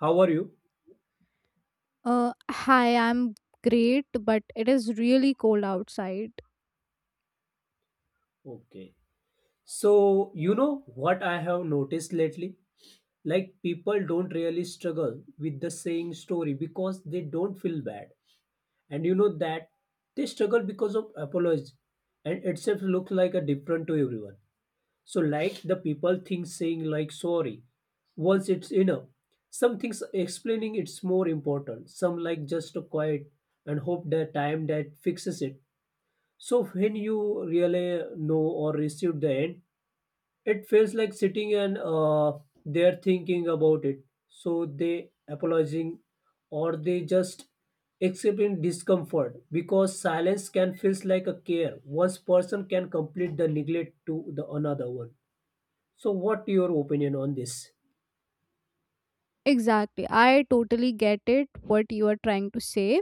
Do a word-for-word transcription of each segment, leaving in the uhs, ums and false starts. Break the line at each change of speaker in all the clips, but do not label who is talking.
How are you?
Uh, hi, I'm great, but it is really cold outside.
Okay. So, you know what I have noticed lately? Like, people don't really struggle with the same story because they don't feel bad. And you know that they struggle because of apologies and itself looks like a different to everyone. So, like, the people think saying like sorry once it's enough. Some things explaining it's more important. Some like just a quiet and hope the time that fixes it. So when you really know or receive the end, it feels like sitting and uh, they're thinking about it. So they apologizing or they just accepting discomfort because silence can feels like a care. One person can complete the neglect to the another one. So what your opinion on this?
Exactly. I totally get it, what you are trying to say.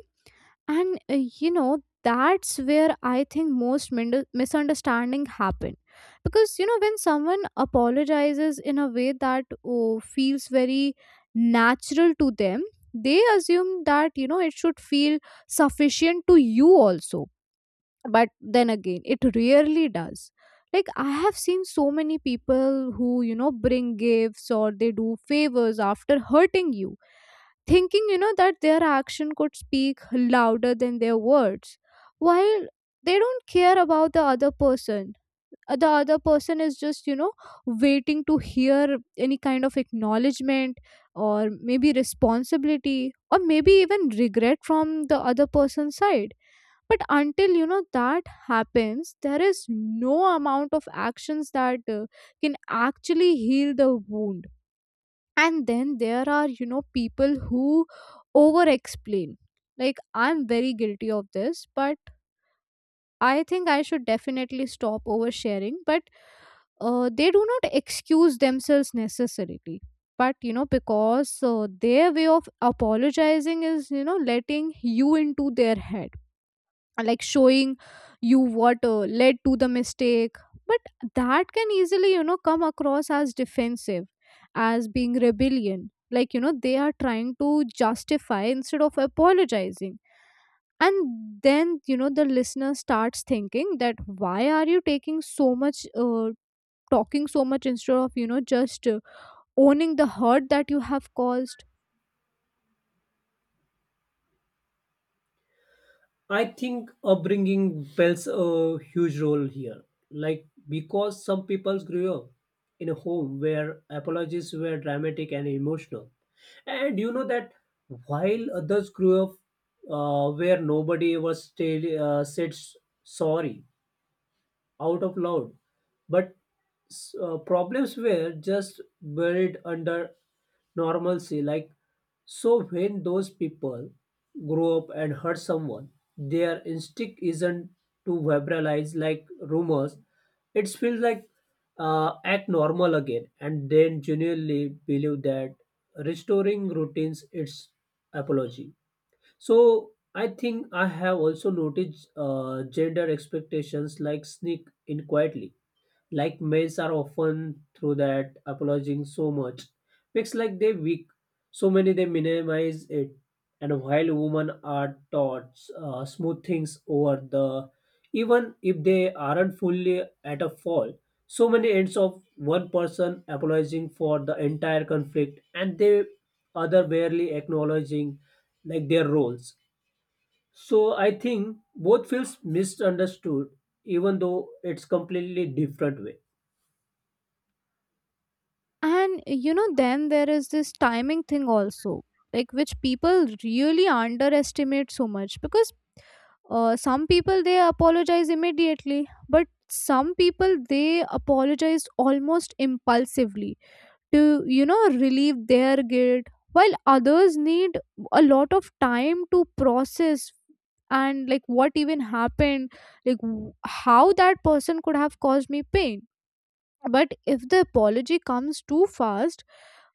And uh, you know, that's where I think most min- misunderstanding happen. Because you know, when someone apologizes in a way that oh, feels very natural to them, they assume that you know it should feel sufficient to you also, but then again it rarely does. Like I have seen so many people who you know bring gifts or they do favors after hurting you, thinking you know that their action could speak louder than their words, while they don't care about the other person. Uh, the other person is just you know waiting to hear any kind of acknowledgement, or maybe responsibility, or maybe even regret from the other person's side. But until you know that happens, there is no amount of actions that uh, can actually heal the wound. And then there are you know people who over explain, like I'm very guilty of this, but I think I should definitely stop oversharing. But uh, they do not excuse themselves necessarily, but you know because uh, their way of apologizing is you know letting you into their head, like showing you what uh, led to the mistake. But that can easily you know come across as defensive, as being rebellion, like you know they are trying to justify instead of apologizing. And then you know the listener starts thinking that why are you taking so much uh, talking so much instead of you know just uh, owning the hurt that you have caused.
I think upbringing plays a huge role here. Like, because some people grew up in a home where apologies were dramatic and emotional. And you know that while others grew up uh, where nobody ever stayed, uh, said s- sorry, out of loud but s- uh, problems were just buried under normalcy like so when those people grow up and hurt someone their instinct isn't to verbalize like rumors it feels like uh, act normal again and then genuinely believe that restoring routines its apology. So I think I have also noticed uh, gender expectations like sneak in quietly. Like males are often through that apologizing so much. Makes like they weak. So many they minimize it. And while women are taught uh, smooth things over the even if they aren't fully at a fall. So many ends of one person apologizing for the entire conflict and they other barely acknowledging like their roles. So I think both feels misunderstood, even though it's completely different way.
And you know, then there is this timing thing also, like which people really underestimate so much. Because uh, some people they apologize immediately, but some people they apologize almost impulsively to you know relieve their guilt, while others need a lot of time to process and like what even happened, like w- how that person could have caused me pain. But if the apology comes too fast,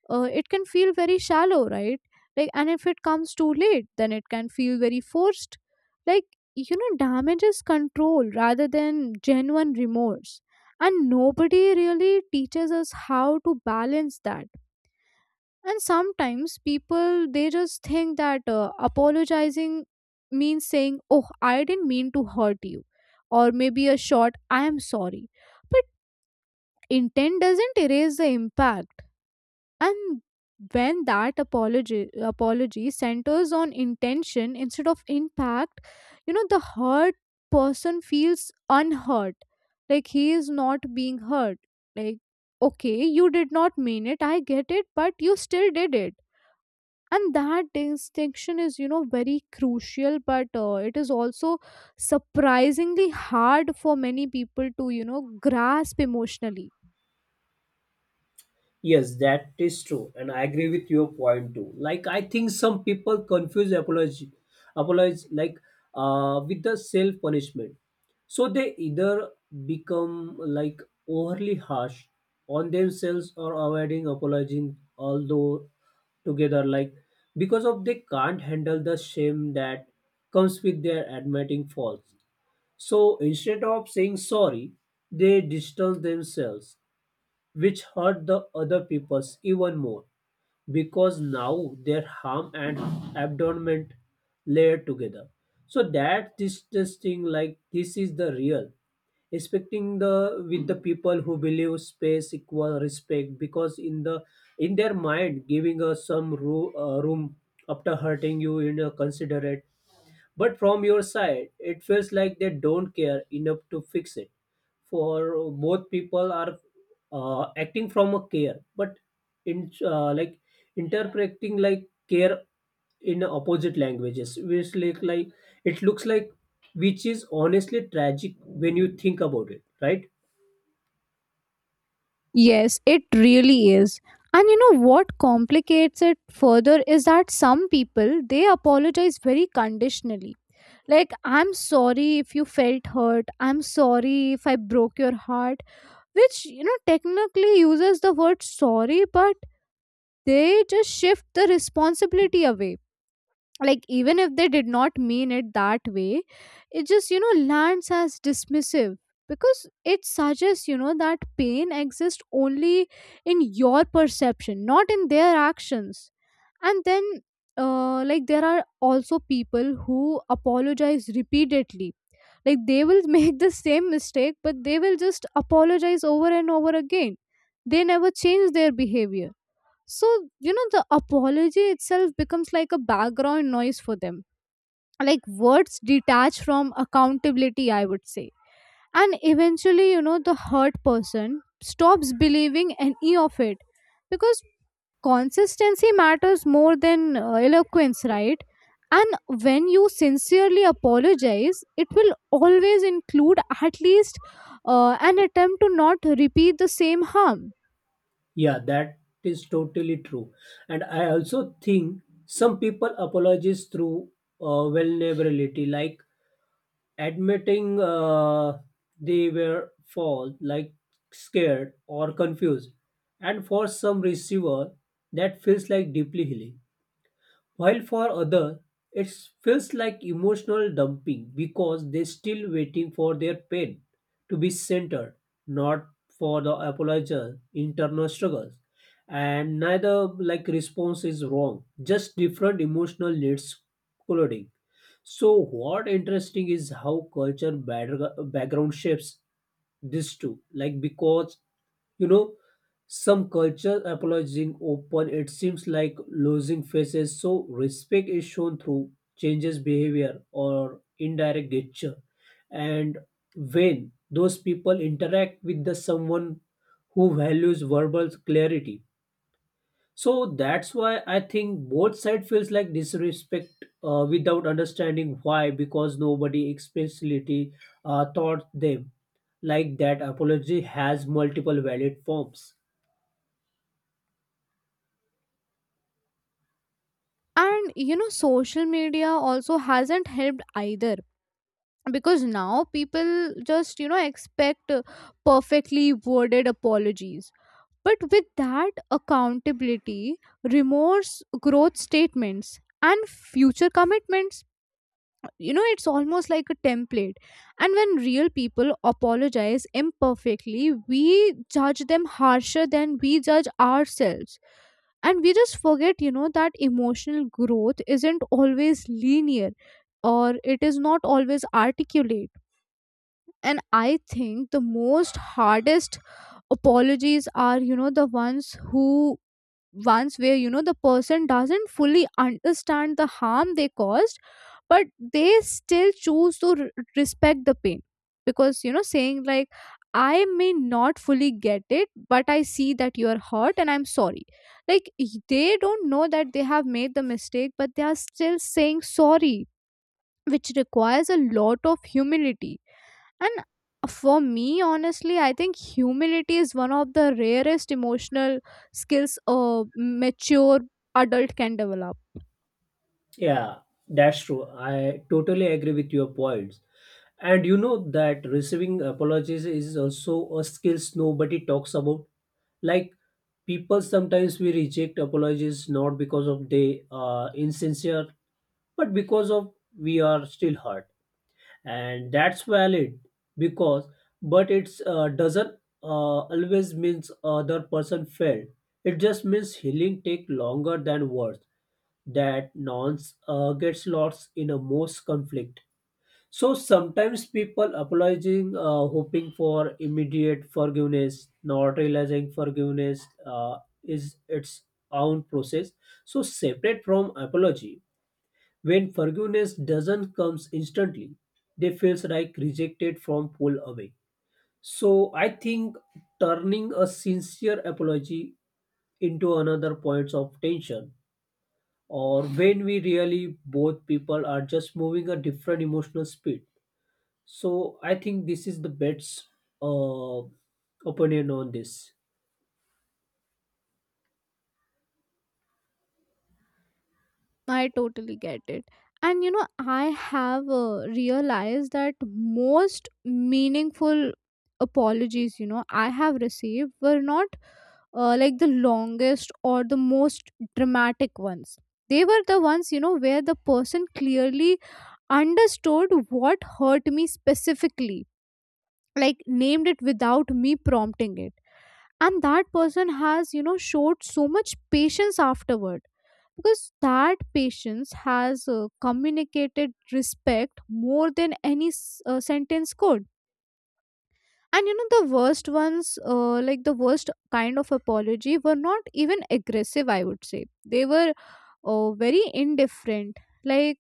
uh, it can feel very shallow, right? Like, and if it comes too late, then it can feel very forced, like you know damage is control rather than genuine remorse. And nobody really teaches us how to balance that. And sometimes people they just think that uh, apologizing means saying oh I didn't mean to hurt you, or maybe a short I am sorry. Intent doesn't erase the impact. And when that apology apology centers on intention instead of impact, you know the hurt person feels unhurt, like he is not being hurt. Like okay you did not mean it, I get it, but you still did it. And that distinction is you know very crucial, but uh, it is also surprisingly hard for many people to you know grasp emotionally.
Yes, that is true, and I agree with your point too. Like I think some people confuse apology, apology like uh, with the self punishment. So they either become like overly harsh on themselves or avoiding apologizing, although together like because of they can't handle the shame that comes with their admitting faults. So instead of saying sorry, they distance themselves, which hurt the other people's even more because now their harm and abandonment layer together. So that distancing, like this, is the real respecting the with the people who believe space equal respect because in the in their mind giving us some ru- uh, room after hurting you in a considerate but from your side, it feels like they don't care enough to fix it. For both people are uh, acting from a care, but in uh, like interpreting like care in opposite languages, which like like it looks like, which is honestly tragic when you think about it, right?
Yes, it really is. And you know what complicates it further is that some people they apologize very conditionally. Like, I'm sorry if you felt hurt, I'm sorry if I broke your heart, which you know technically uses the word sorry, but they just shift the responsibility away. Like even if they did not mean it that way, it just you know lands as dismissive, because it suggests you know that pain exists only in your perception, not in their actions. And then uh, like there are also people who apologize repeatedly, like they will make the same mistake but they will just apologize over and over again. They never change their behavior. So you know the apology itself becomes like a background noise for them, like words detached from accountability, I would say. And eventually you know the hurt person stops believing any of it, because consistency matters more than uh, eloquence, right? And when you sincerely apologize, it will always include at least uh, an attempt to not repeat the same harm.
Yeah, that is totally true. And I also think some people apologize through uh, vulnerability, like admitting uh, they were fall like scared or confused and for some receiver that feels like deeply healing while for other it feels like emotional dumping because they are still waiting for their pain to be centered, not for the apologize internal struggles and neither like response is wrong, just different emotional needs colliding. So what interesting is how culture backgr- background shapes this too. Like because you know some culture apologizing open it seems like losing faces so respect is shown through changes behavior or indirect gesture and when those people interact with the someone who values verbal clarity so that's why I think both side feels like disrespect uh, without understanding why, because nobody explicitly uh, taught them like that. Apology has multiple valid forms.
And you know, social media also hasn't helped either, because now people just, you know, expect uh, perfectly worded apologies. But with that accountability, remorse, growth statements, and future commitments, you know it's almost like a template. And when real people apologize imperfectly, we judge them harsher than we judge ourselves. And we just forget you know that emotional growth isn't always linear, or it is not always articulate. And I think the most hardest apologies are you know the ones who ones where you know the person doesn't fully understand the harm they caused, but they still choose to r- respect the pain. Because you know saying like I may not fully get it, but I see that you are hurt and I'm sorry. Like y- they don't know that they have made the mistake, but they are still saying sorry, which requires a lot of humility. And for me, honestly, I think humility is one of the rarest emotional skills a mature adult can develop.
Yeah, that's true. I totally agree with your points. And you know that receiving apologies is also a skill nobody talks about. Like people sometimes we reject apologies not because of they are insincere, but because of we are still hurt, and that's valid because but it's uh, doesn't uh, always means other person failed. It just means healing take longer than words. That nonce uh, gets lost in a most conflict. So sometimes people apologizing, uh, hoping for immediate forgiveness, not realizing forgiveness uh, is its own process. So separate from apology, when forgiveness doesn't comes instantly, they feels like rejected from pull away. So I think turning a sincere apology into another points of tension or when we really both people are just moving a different emotional speed, so I think this is the best uh, opinion on this.
I totally get it. And you know, I have uh, realized that most meaningful apologies, you know, I have received were not uh, like the longest or the most dramatic ones. They were the ones, you know, where the person clearly understood what hurt me specifically, like named it without me prompting it. And that person has you know showed so much patience afterward, because that patience has uh, communicated respect more than any s- uh, sentence could. And you know the worst ones, uh, like the worst kind of apology were not even aggressive, I would say they were uh, very indifferent. Like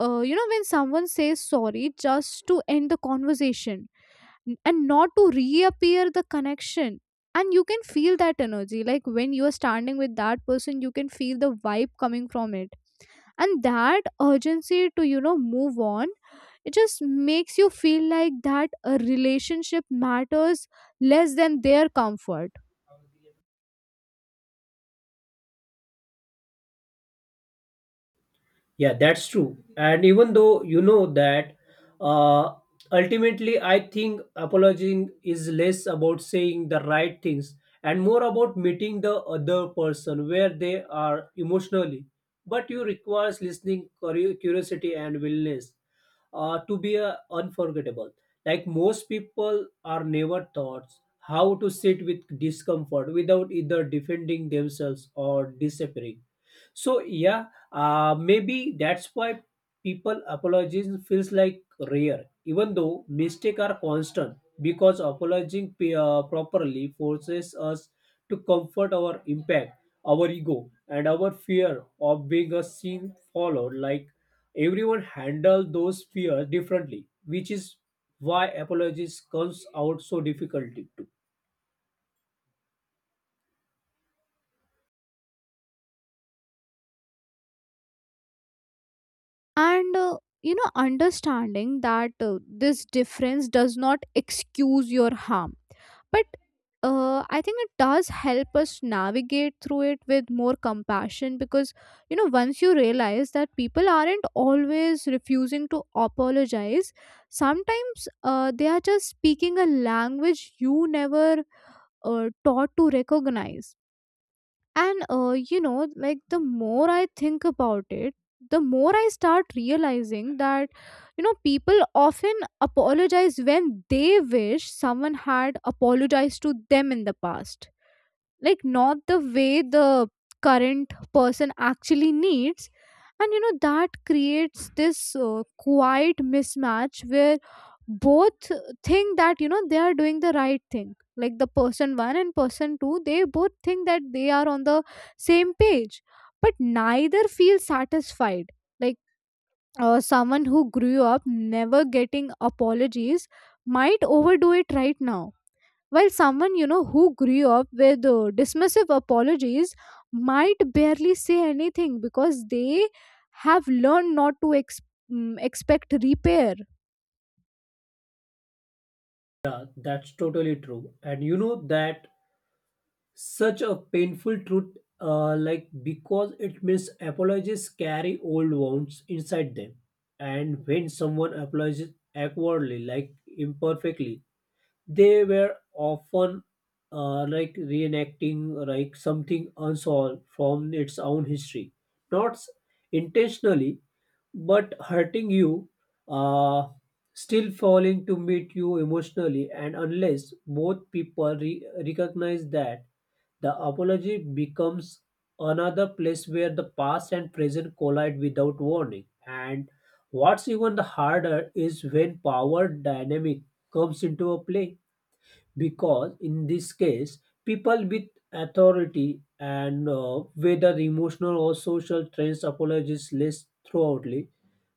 uh, you know when someone says sorry just to end the conversation, n- and not to reappear the connection. And you can feel that energy, like when you are standing with that person you can feel the vibe coming from it, and that urgency to you know move on, it just makes you feel like that a relationship matters less than their comfort.
Yeah, that's true. And even though you know that, uh, ultimately, I think apologizing is less about saying the right things and more about meeting the other person where they are emotionally. But you requires listening, curi- curiosity, and willingness uh, to be uh, unforgettable. Like most people are never taught how to sit with discomfort without either defending themselves or disappearing. So yeah, uh, maybe that's why people apologizing feels like rare, even though mistakes are constant. Because apologizing p- uh, properly forces us to comfort our impact, our ego, and our fear of being a seen followed. Like everyone handle those fears differently, which is why apologies comes out so difficult to.
And uh, you know understanding that uh, this difference does not excuse your harm, but uh, I think it does help us navigate through it with more compassion. Because you know once you realize that people aren't always refusing to apologize, sometimes uh, they are just speaking a language you never uh, taught to recognize. And uh, you know, like the more I think about it, the more I start realizing that, you know, people often apologize when they wish someone had apologized to them in the past, like not the way the current person actually needs. And you know that creates this uh, quiet mismatch where both think that you know they are doing the right thing, like the person one and person two, they both think that they are on the same page, but neither feels satisfied. Like uh, someone who grew up never getting apologies might overdo it right now, while someone you know who grew up with uh, dismissive apologies might barely say anything because they have learned not to ex- mm, expect repair.
Yeah, that's totally true. And you know that such a painful truth, uh, like because it means apologies carry old wounds inside them, and when someone apologizes awkwardly, like imperfectly, they were often uh, like reenacting like something unsolved from its own history, not s- intentionally, but hurting you, uh, still falling to meet you emotionally, and unless both people re- recognize that the apology becomes another place where the past and present collide without warning. And what's even the harder is when power dynamic comes into a play because in this case people with authority and uh, whether emotional or social trends apologize less throughoutly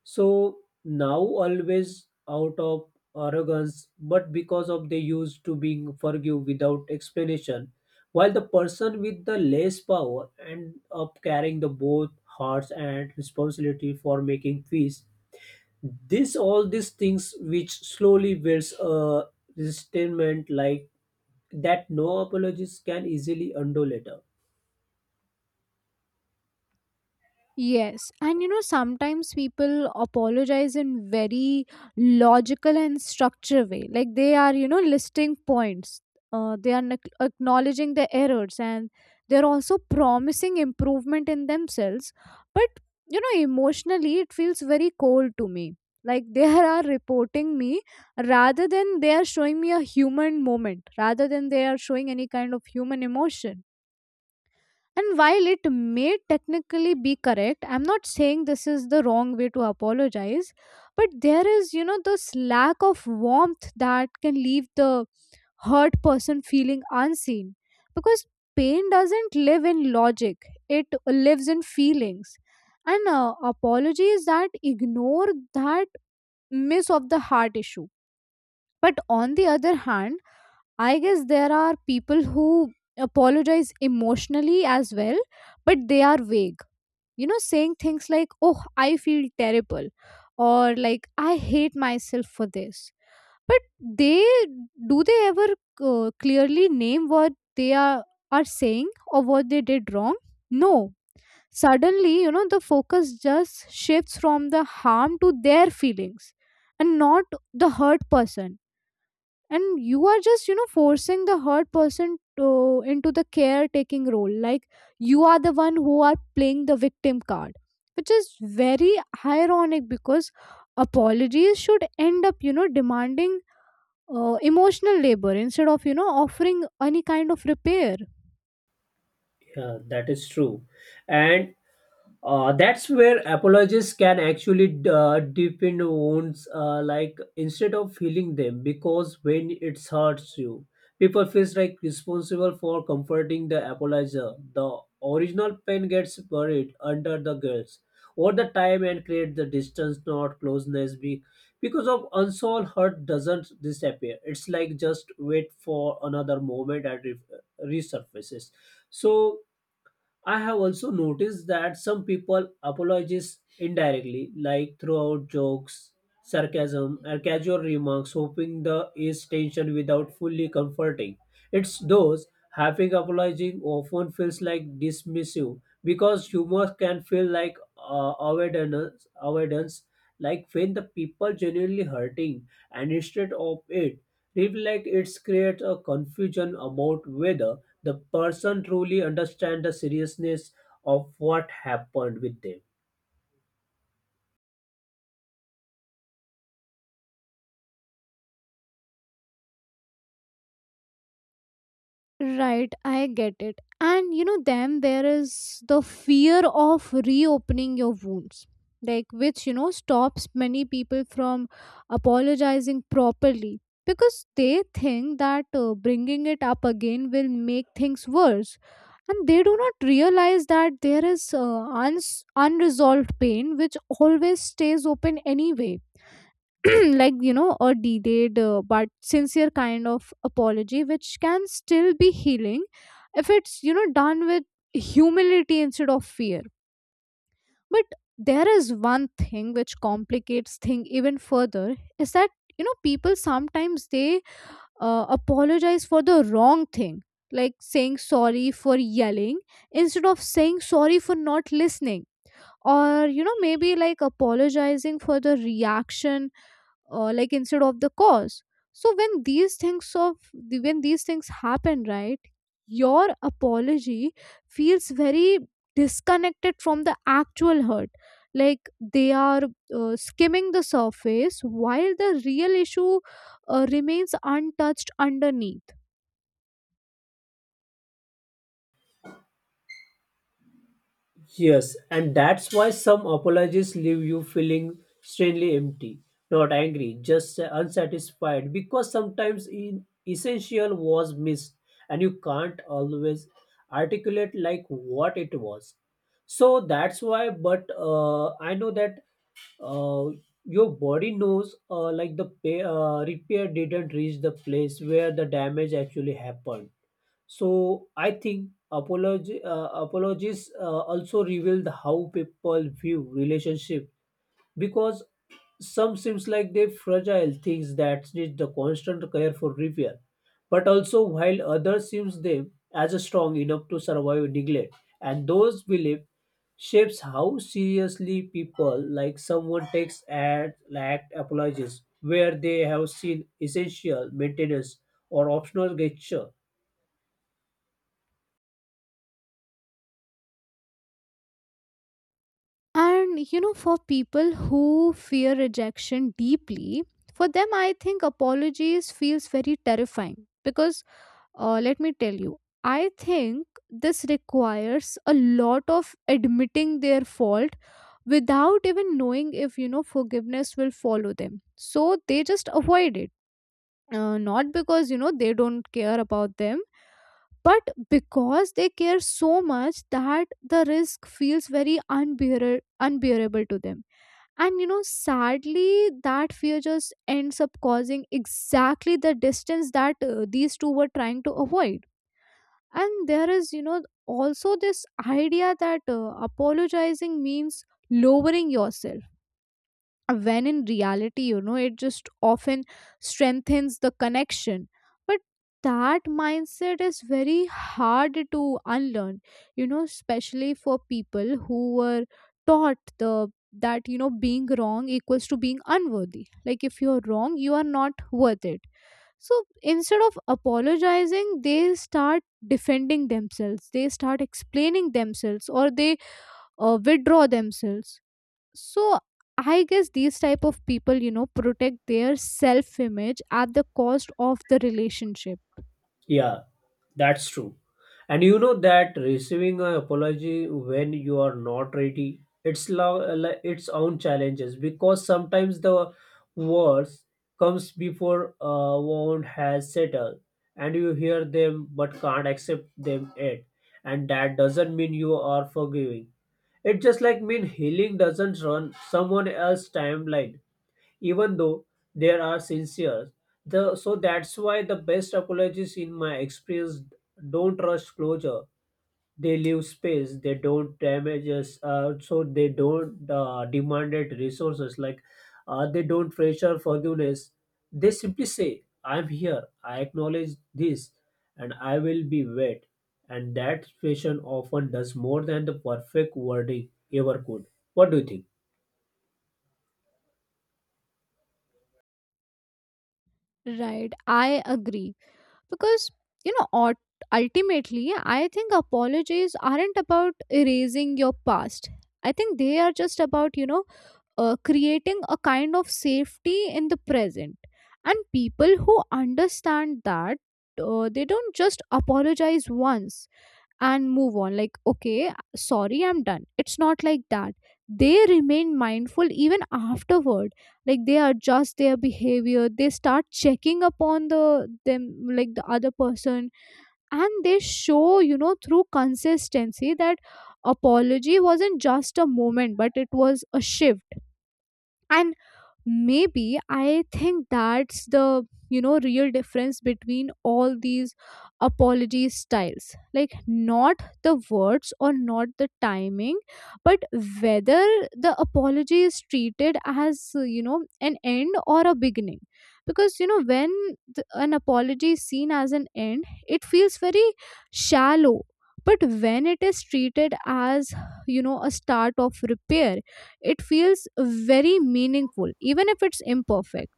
so now always out of arrogance but because of they used to being forgive without explanation while the person with the less power end up carrying the both hearts and responsibility for making peace. This all these things which slowly builds a resentment like that no apologies can easily undo later.
Yes, and you know, sometimes people apologize in very logical and structure way. Like they are, you know, listing points. Uh, they are nec- acknowledging the errors, and they're also promising improvement in themselves. But you know, emotionally, it feels very cold to me. Like they are reporting me rather than they are showing me a human moment, rather than they are showing any kind of human emotion. And while it may technically be correct, I'm not saying this is the wrong way to apologize, but there is, you know, this lack of warmth that can leave the hurt person feeling unseen. Because pain doesn't live in logic, it lives in feelings. And uh, apologies that ignore that miss of the heart issue. But on the other hand, I guess there are people who apologize emotionally as well, but they are vague. You know, saying things like, oh, I feel terrible, or like, I hate myself for this. But they do they ever uh, clearly name what they are, are saying or what they did wrong? No. Suddenly, you know, the focus just shifts from the harm to their feelings, and not the hurt person. And you are just you know forcing the hurt person to, into the caretaking role, like you are the one who are playing the victim card, which is very ironic. Because apologies should end up you know demanding uh, emotional labor instead of you know offering any kind of repair.
Yeah, that is true. And Uh, that's where apologies can actually uh, deepen wounds, uh, like instead of healing them, because when it hurts you, people feels like responsible for comforting the apologizer. The original pain gets buried under the guilt or the time and create the distance, not closeness. Be- because of unsolved hurt doesn't disappear. It's like just wait for another moment and re- resurfaces. So I have also noticed that some people apologize indirectly, like throughout jokes, sarcasm, or casual remarks, hoping the ease tension without fully comforting. It's those having apologizing often feels like dismissive because humor can feel like uh, avoidance, avoidance, like when the people genuinely hurting, and instead of it, reflect it creates a confusion about whether the person truly understands the seriousness of what happened with them.
Right, I get it. And you know, then there is the fear of reopening your wounds, like which you know stops many people from apologizing properly, because they think that uh, bringing it up again will make things worse, and they do not realize that there is uh, uns- unresolved pain which always stays open anyway. like you know a delayed uh, but sincere kind of apology which can still be healing if it's you know done with humility instead of fear. But there is one thing which complicates thing even further is that you know people sometimes they uh, apologize for the wrong thing, like saying sorry for yelling instead of saying sorry for not listening, or you know maybe like apologizing for the reaction, uh, like instead of the cause. So when these things of the- when these things happen, right, your apology feels very disconnected from the actual hurt, like they are uh, skimming the surface while the real issue uh, remains untouched underneath.
Yes, and that's why some apologies leave you feeling strangely empty, not angry, just unsatisfied, because sometimes in essential was missed and you can't always articulate like what it was. So that's why, but uh, I know that uh, your body knows uh, like the pay, uh, repair didn't reach the place where the damage actually happened. So I think apology, uh, apologies uh, also revealed how people view relationship because some seems like they fragile things that need the constant care for repair, but also while others seems them as strong enough to survive neglect, and those belief shapes how seriously people like someone takes and act apologies where they have seen essential maintenance or optional gesture.
And you know for people who fear rejection deeply, for them I think apologies feels very terrifying, because Uh, let me tell you, I think this requires a lot of admitting their fault without even knowing if you know forgiveness will follow them, so they just avoid it, uh, not because you know they don't care about them, but because they care so much that the risk feels very unbearable unbearable to them. And you know sadly, that fear just ends up causing exactly the distance that uh, these two were trying to avoid. And there is, you know also this idea that uh, apologizing means lowering yourself. Uh, when in reality you know it just often strengthens the connection, but that mindset is very hard to unlearn, you know especially for people who were taught the that you know being wrong equals to being unworthy, like if you're wrong you are not worth it. So instead of apologizing, they start defending themselves, they start explaining themselves, or they uh, withdraw themselves. So I guess these type of people, you know, protect their self image at the cost of the relationship.
Yeah. That's true. And you know that receiving an apology when you are not ready, it's lo- li- its own challenges because sometimes the words comes before a wound has settled, and you hear them but can't accept them yet, and that doesn't mean you are forgiving. It just like mean healing doesn't run someone else's timeline even though they are sincere. The, so that's why the best apologies in my experience don't rush closure. They leave space. They don't damage us. Uh, so they don't uh, demand it resources like uh, they don't pressure forgiveness. They simply say, "I'm here. I acknowledge this, and I will be wet." And that expression often does more than the perfect wording ever could. What do you think?
Right, I agree. Because you know ult- ultimately I think apologies aren't about erasing your past. I think they are just about, you know uh, creating a kind of safety in the present, and people who understand that, uh, they don't just apologize once and move on, like, okay, sorry, I'm done. It's not like that. They remain mindful even afterward, like they adjust their behavior, they start checking upon the them, like the other person. And they show, you know through consistency, that apology wasn't just a moment but it was a shift. And maybe I think that's the, you know real difference between all these apology styles, like not the words or not the timing, but whether the apology is treated as uh, you know an end or a beginning. Because you know when th- an apology is seen as an end, it feels very shallow. But when it is treated as, you know a start of repair, it feels very meaningful even if it's imperfect.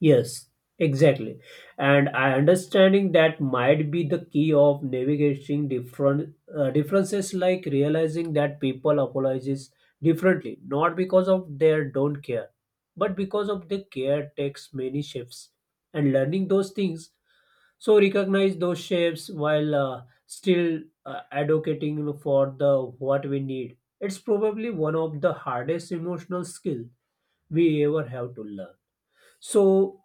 Yes, exactly. And I understanding that might be the key of navigating different uh, differences, like realizing that people apologise differently, not because of their don't care, but because of the care takes many shifts. And learning those things, so recognize those shapes while uh, still uh, advocating for the what we need. It's probably one of the hardest emotional skill we ever have to learn. So,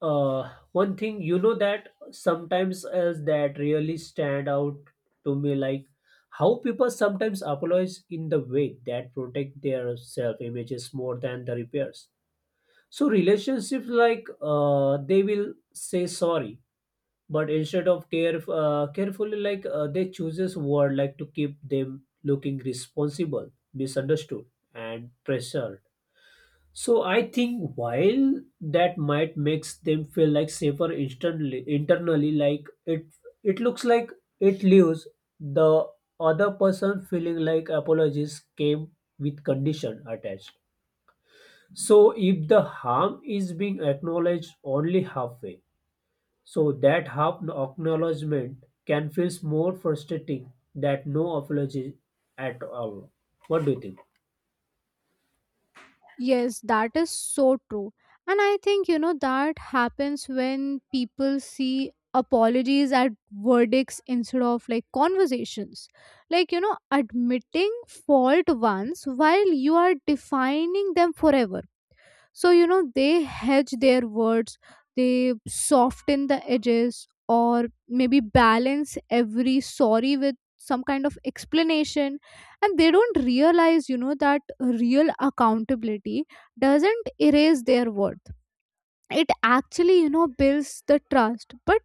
uh, one thing you know that sometimes else that really stand out to me, like how people sometimes apologize in the way that protect their self images more than the repairs. So relationships like uh, they will say sorry, but instead of care uh, carefully, like uh, they chooses word like to keep them looking responsible, misunderstood, and pressured so I think while that might makes them feel like safer instantly internally, like it it looks like it leaves the other person feeling like apologies came with condition attached. So if the harm is being acknowledged only halfway, so that half acknowledgement can feel more frustrating than no apology at all. What do you think?
Yes, that is so true. And I think, you know, that happens when people see apologies at verdicts instead of like conversations. Like, you know, admitting fault once while you are defining them forever. So, you know, they hedge their words, they soften the edges, or maybe balance every sorry with some kind of explanation. And they don't realize, you know, that real accountability doesn't erase their worth. It actually, you know, builds the trust. But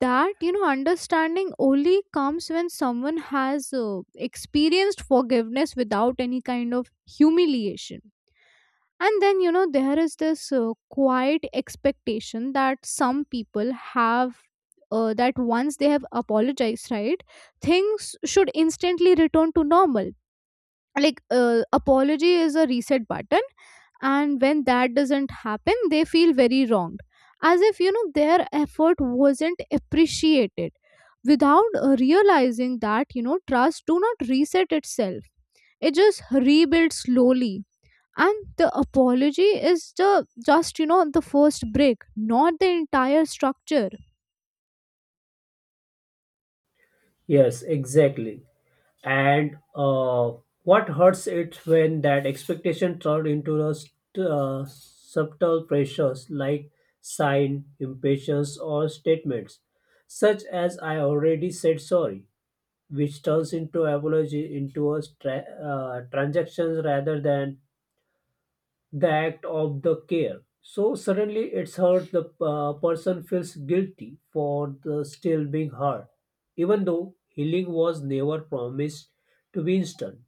that, you know, understanding only comes when someone has uh, experienced forgiveness without any kind of humiliation. And then, you know, there is this uh, quiet expectation that some people have, uh, that once they have apologized, right, things should instantly return to normal. Like, uh, apology is a reset button, and when that doesn't happen, they feel very wronged. As if, you know, their effort wasn't appreciated, without uh, realizing that, you know, trust do not reset itself. It just rebuilds slowly, and the apology is the just you know the first break, not the entire structure.
Yes, exactly. And uh, what hurts it when that expectation turned into a st- uh, subtle pressures like sign, impatience, or statements such as "I already said sorry," which turns into apology into a tra- uh, transactions rather than the act of the care. So suddenly, it's hurt. The uh, person feels guilty for the still being hurt, even though healing was never promised to be instant.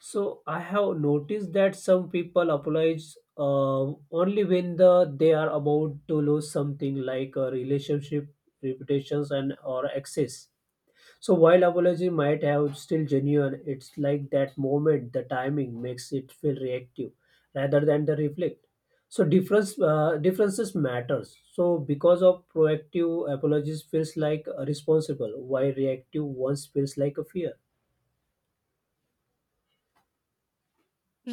So I have noticed that some people apologize uh, only when the they are about to lose something like a relationship, reputations, and or access. So while apology might have still genuine, it's like that moment, the timing makes it feel reactive rather than the reflect. So difference uh, differences matters. So because of proactive apologies feels like responsible, while reactive ones feels like a fear.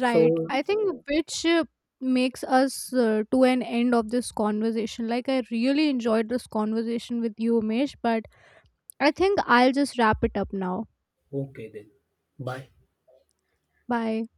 Right, I think, which uh, makes us, uh, to an end of this conversation. Like, I really enjoyed this conversation with you, Umesh, but I think I'll just wrap it up now.
okay then, bye.
Bye.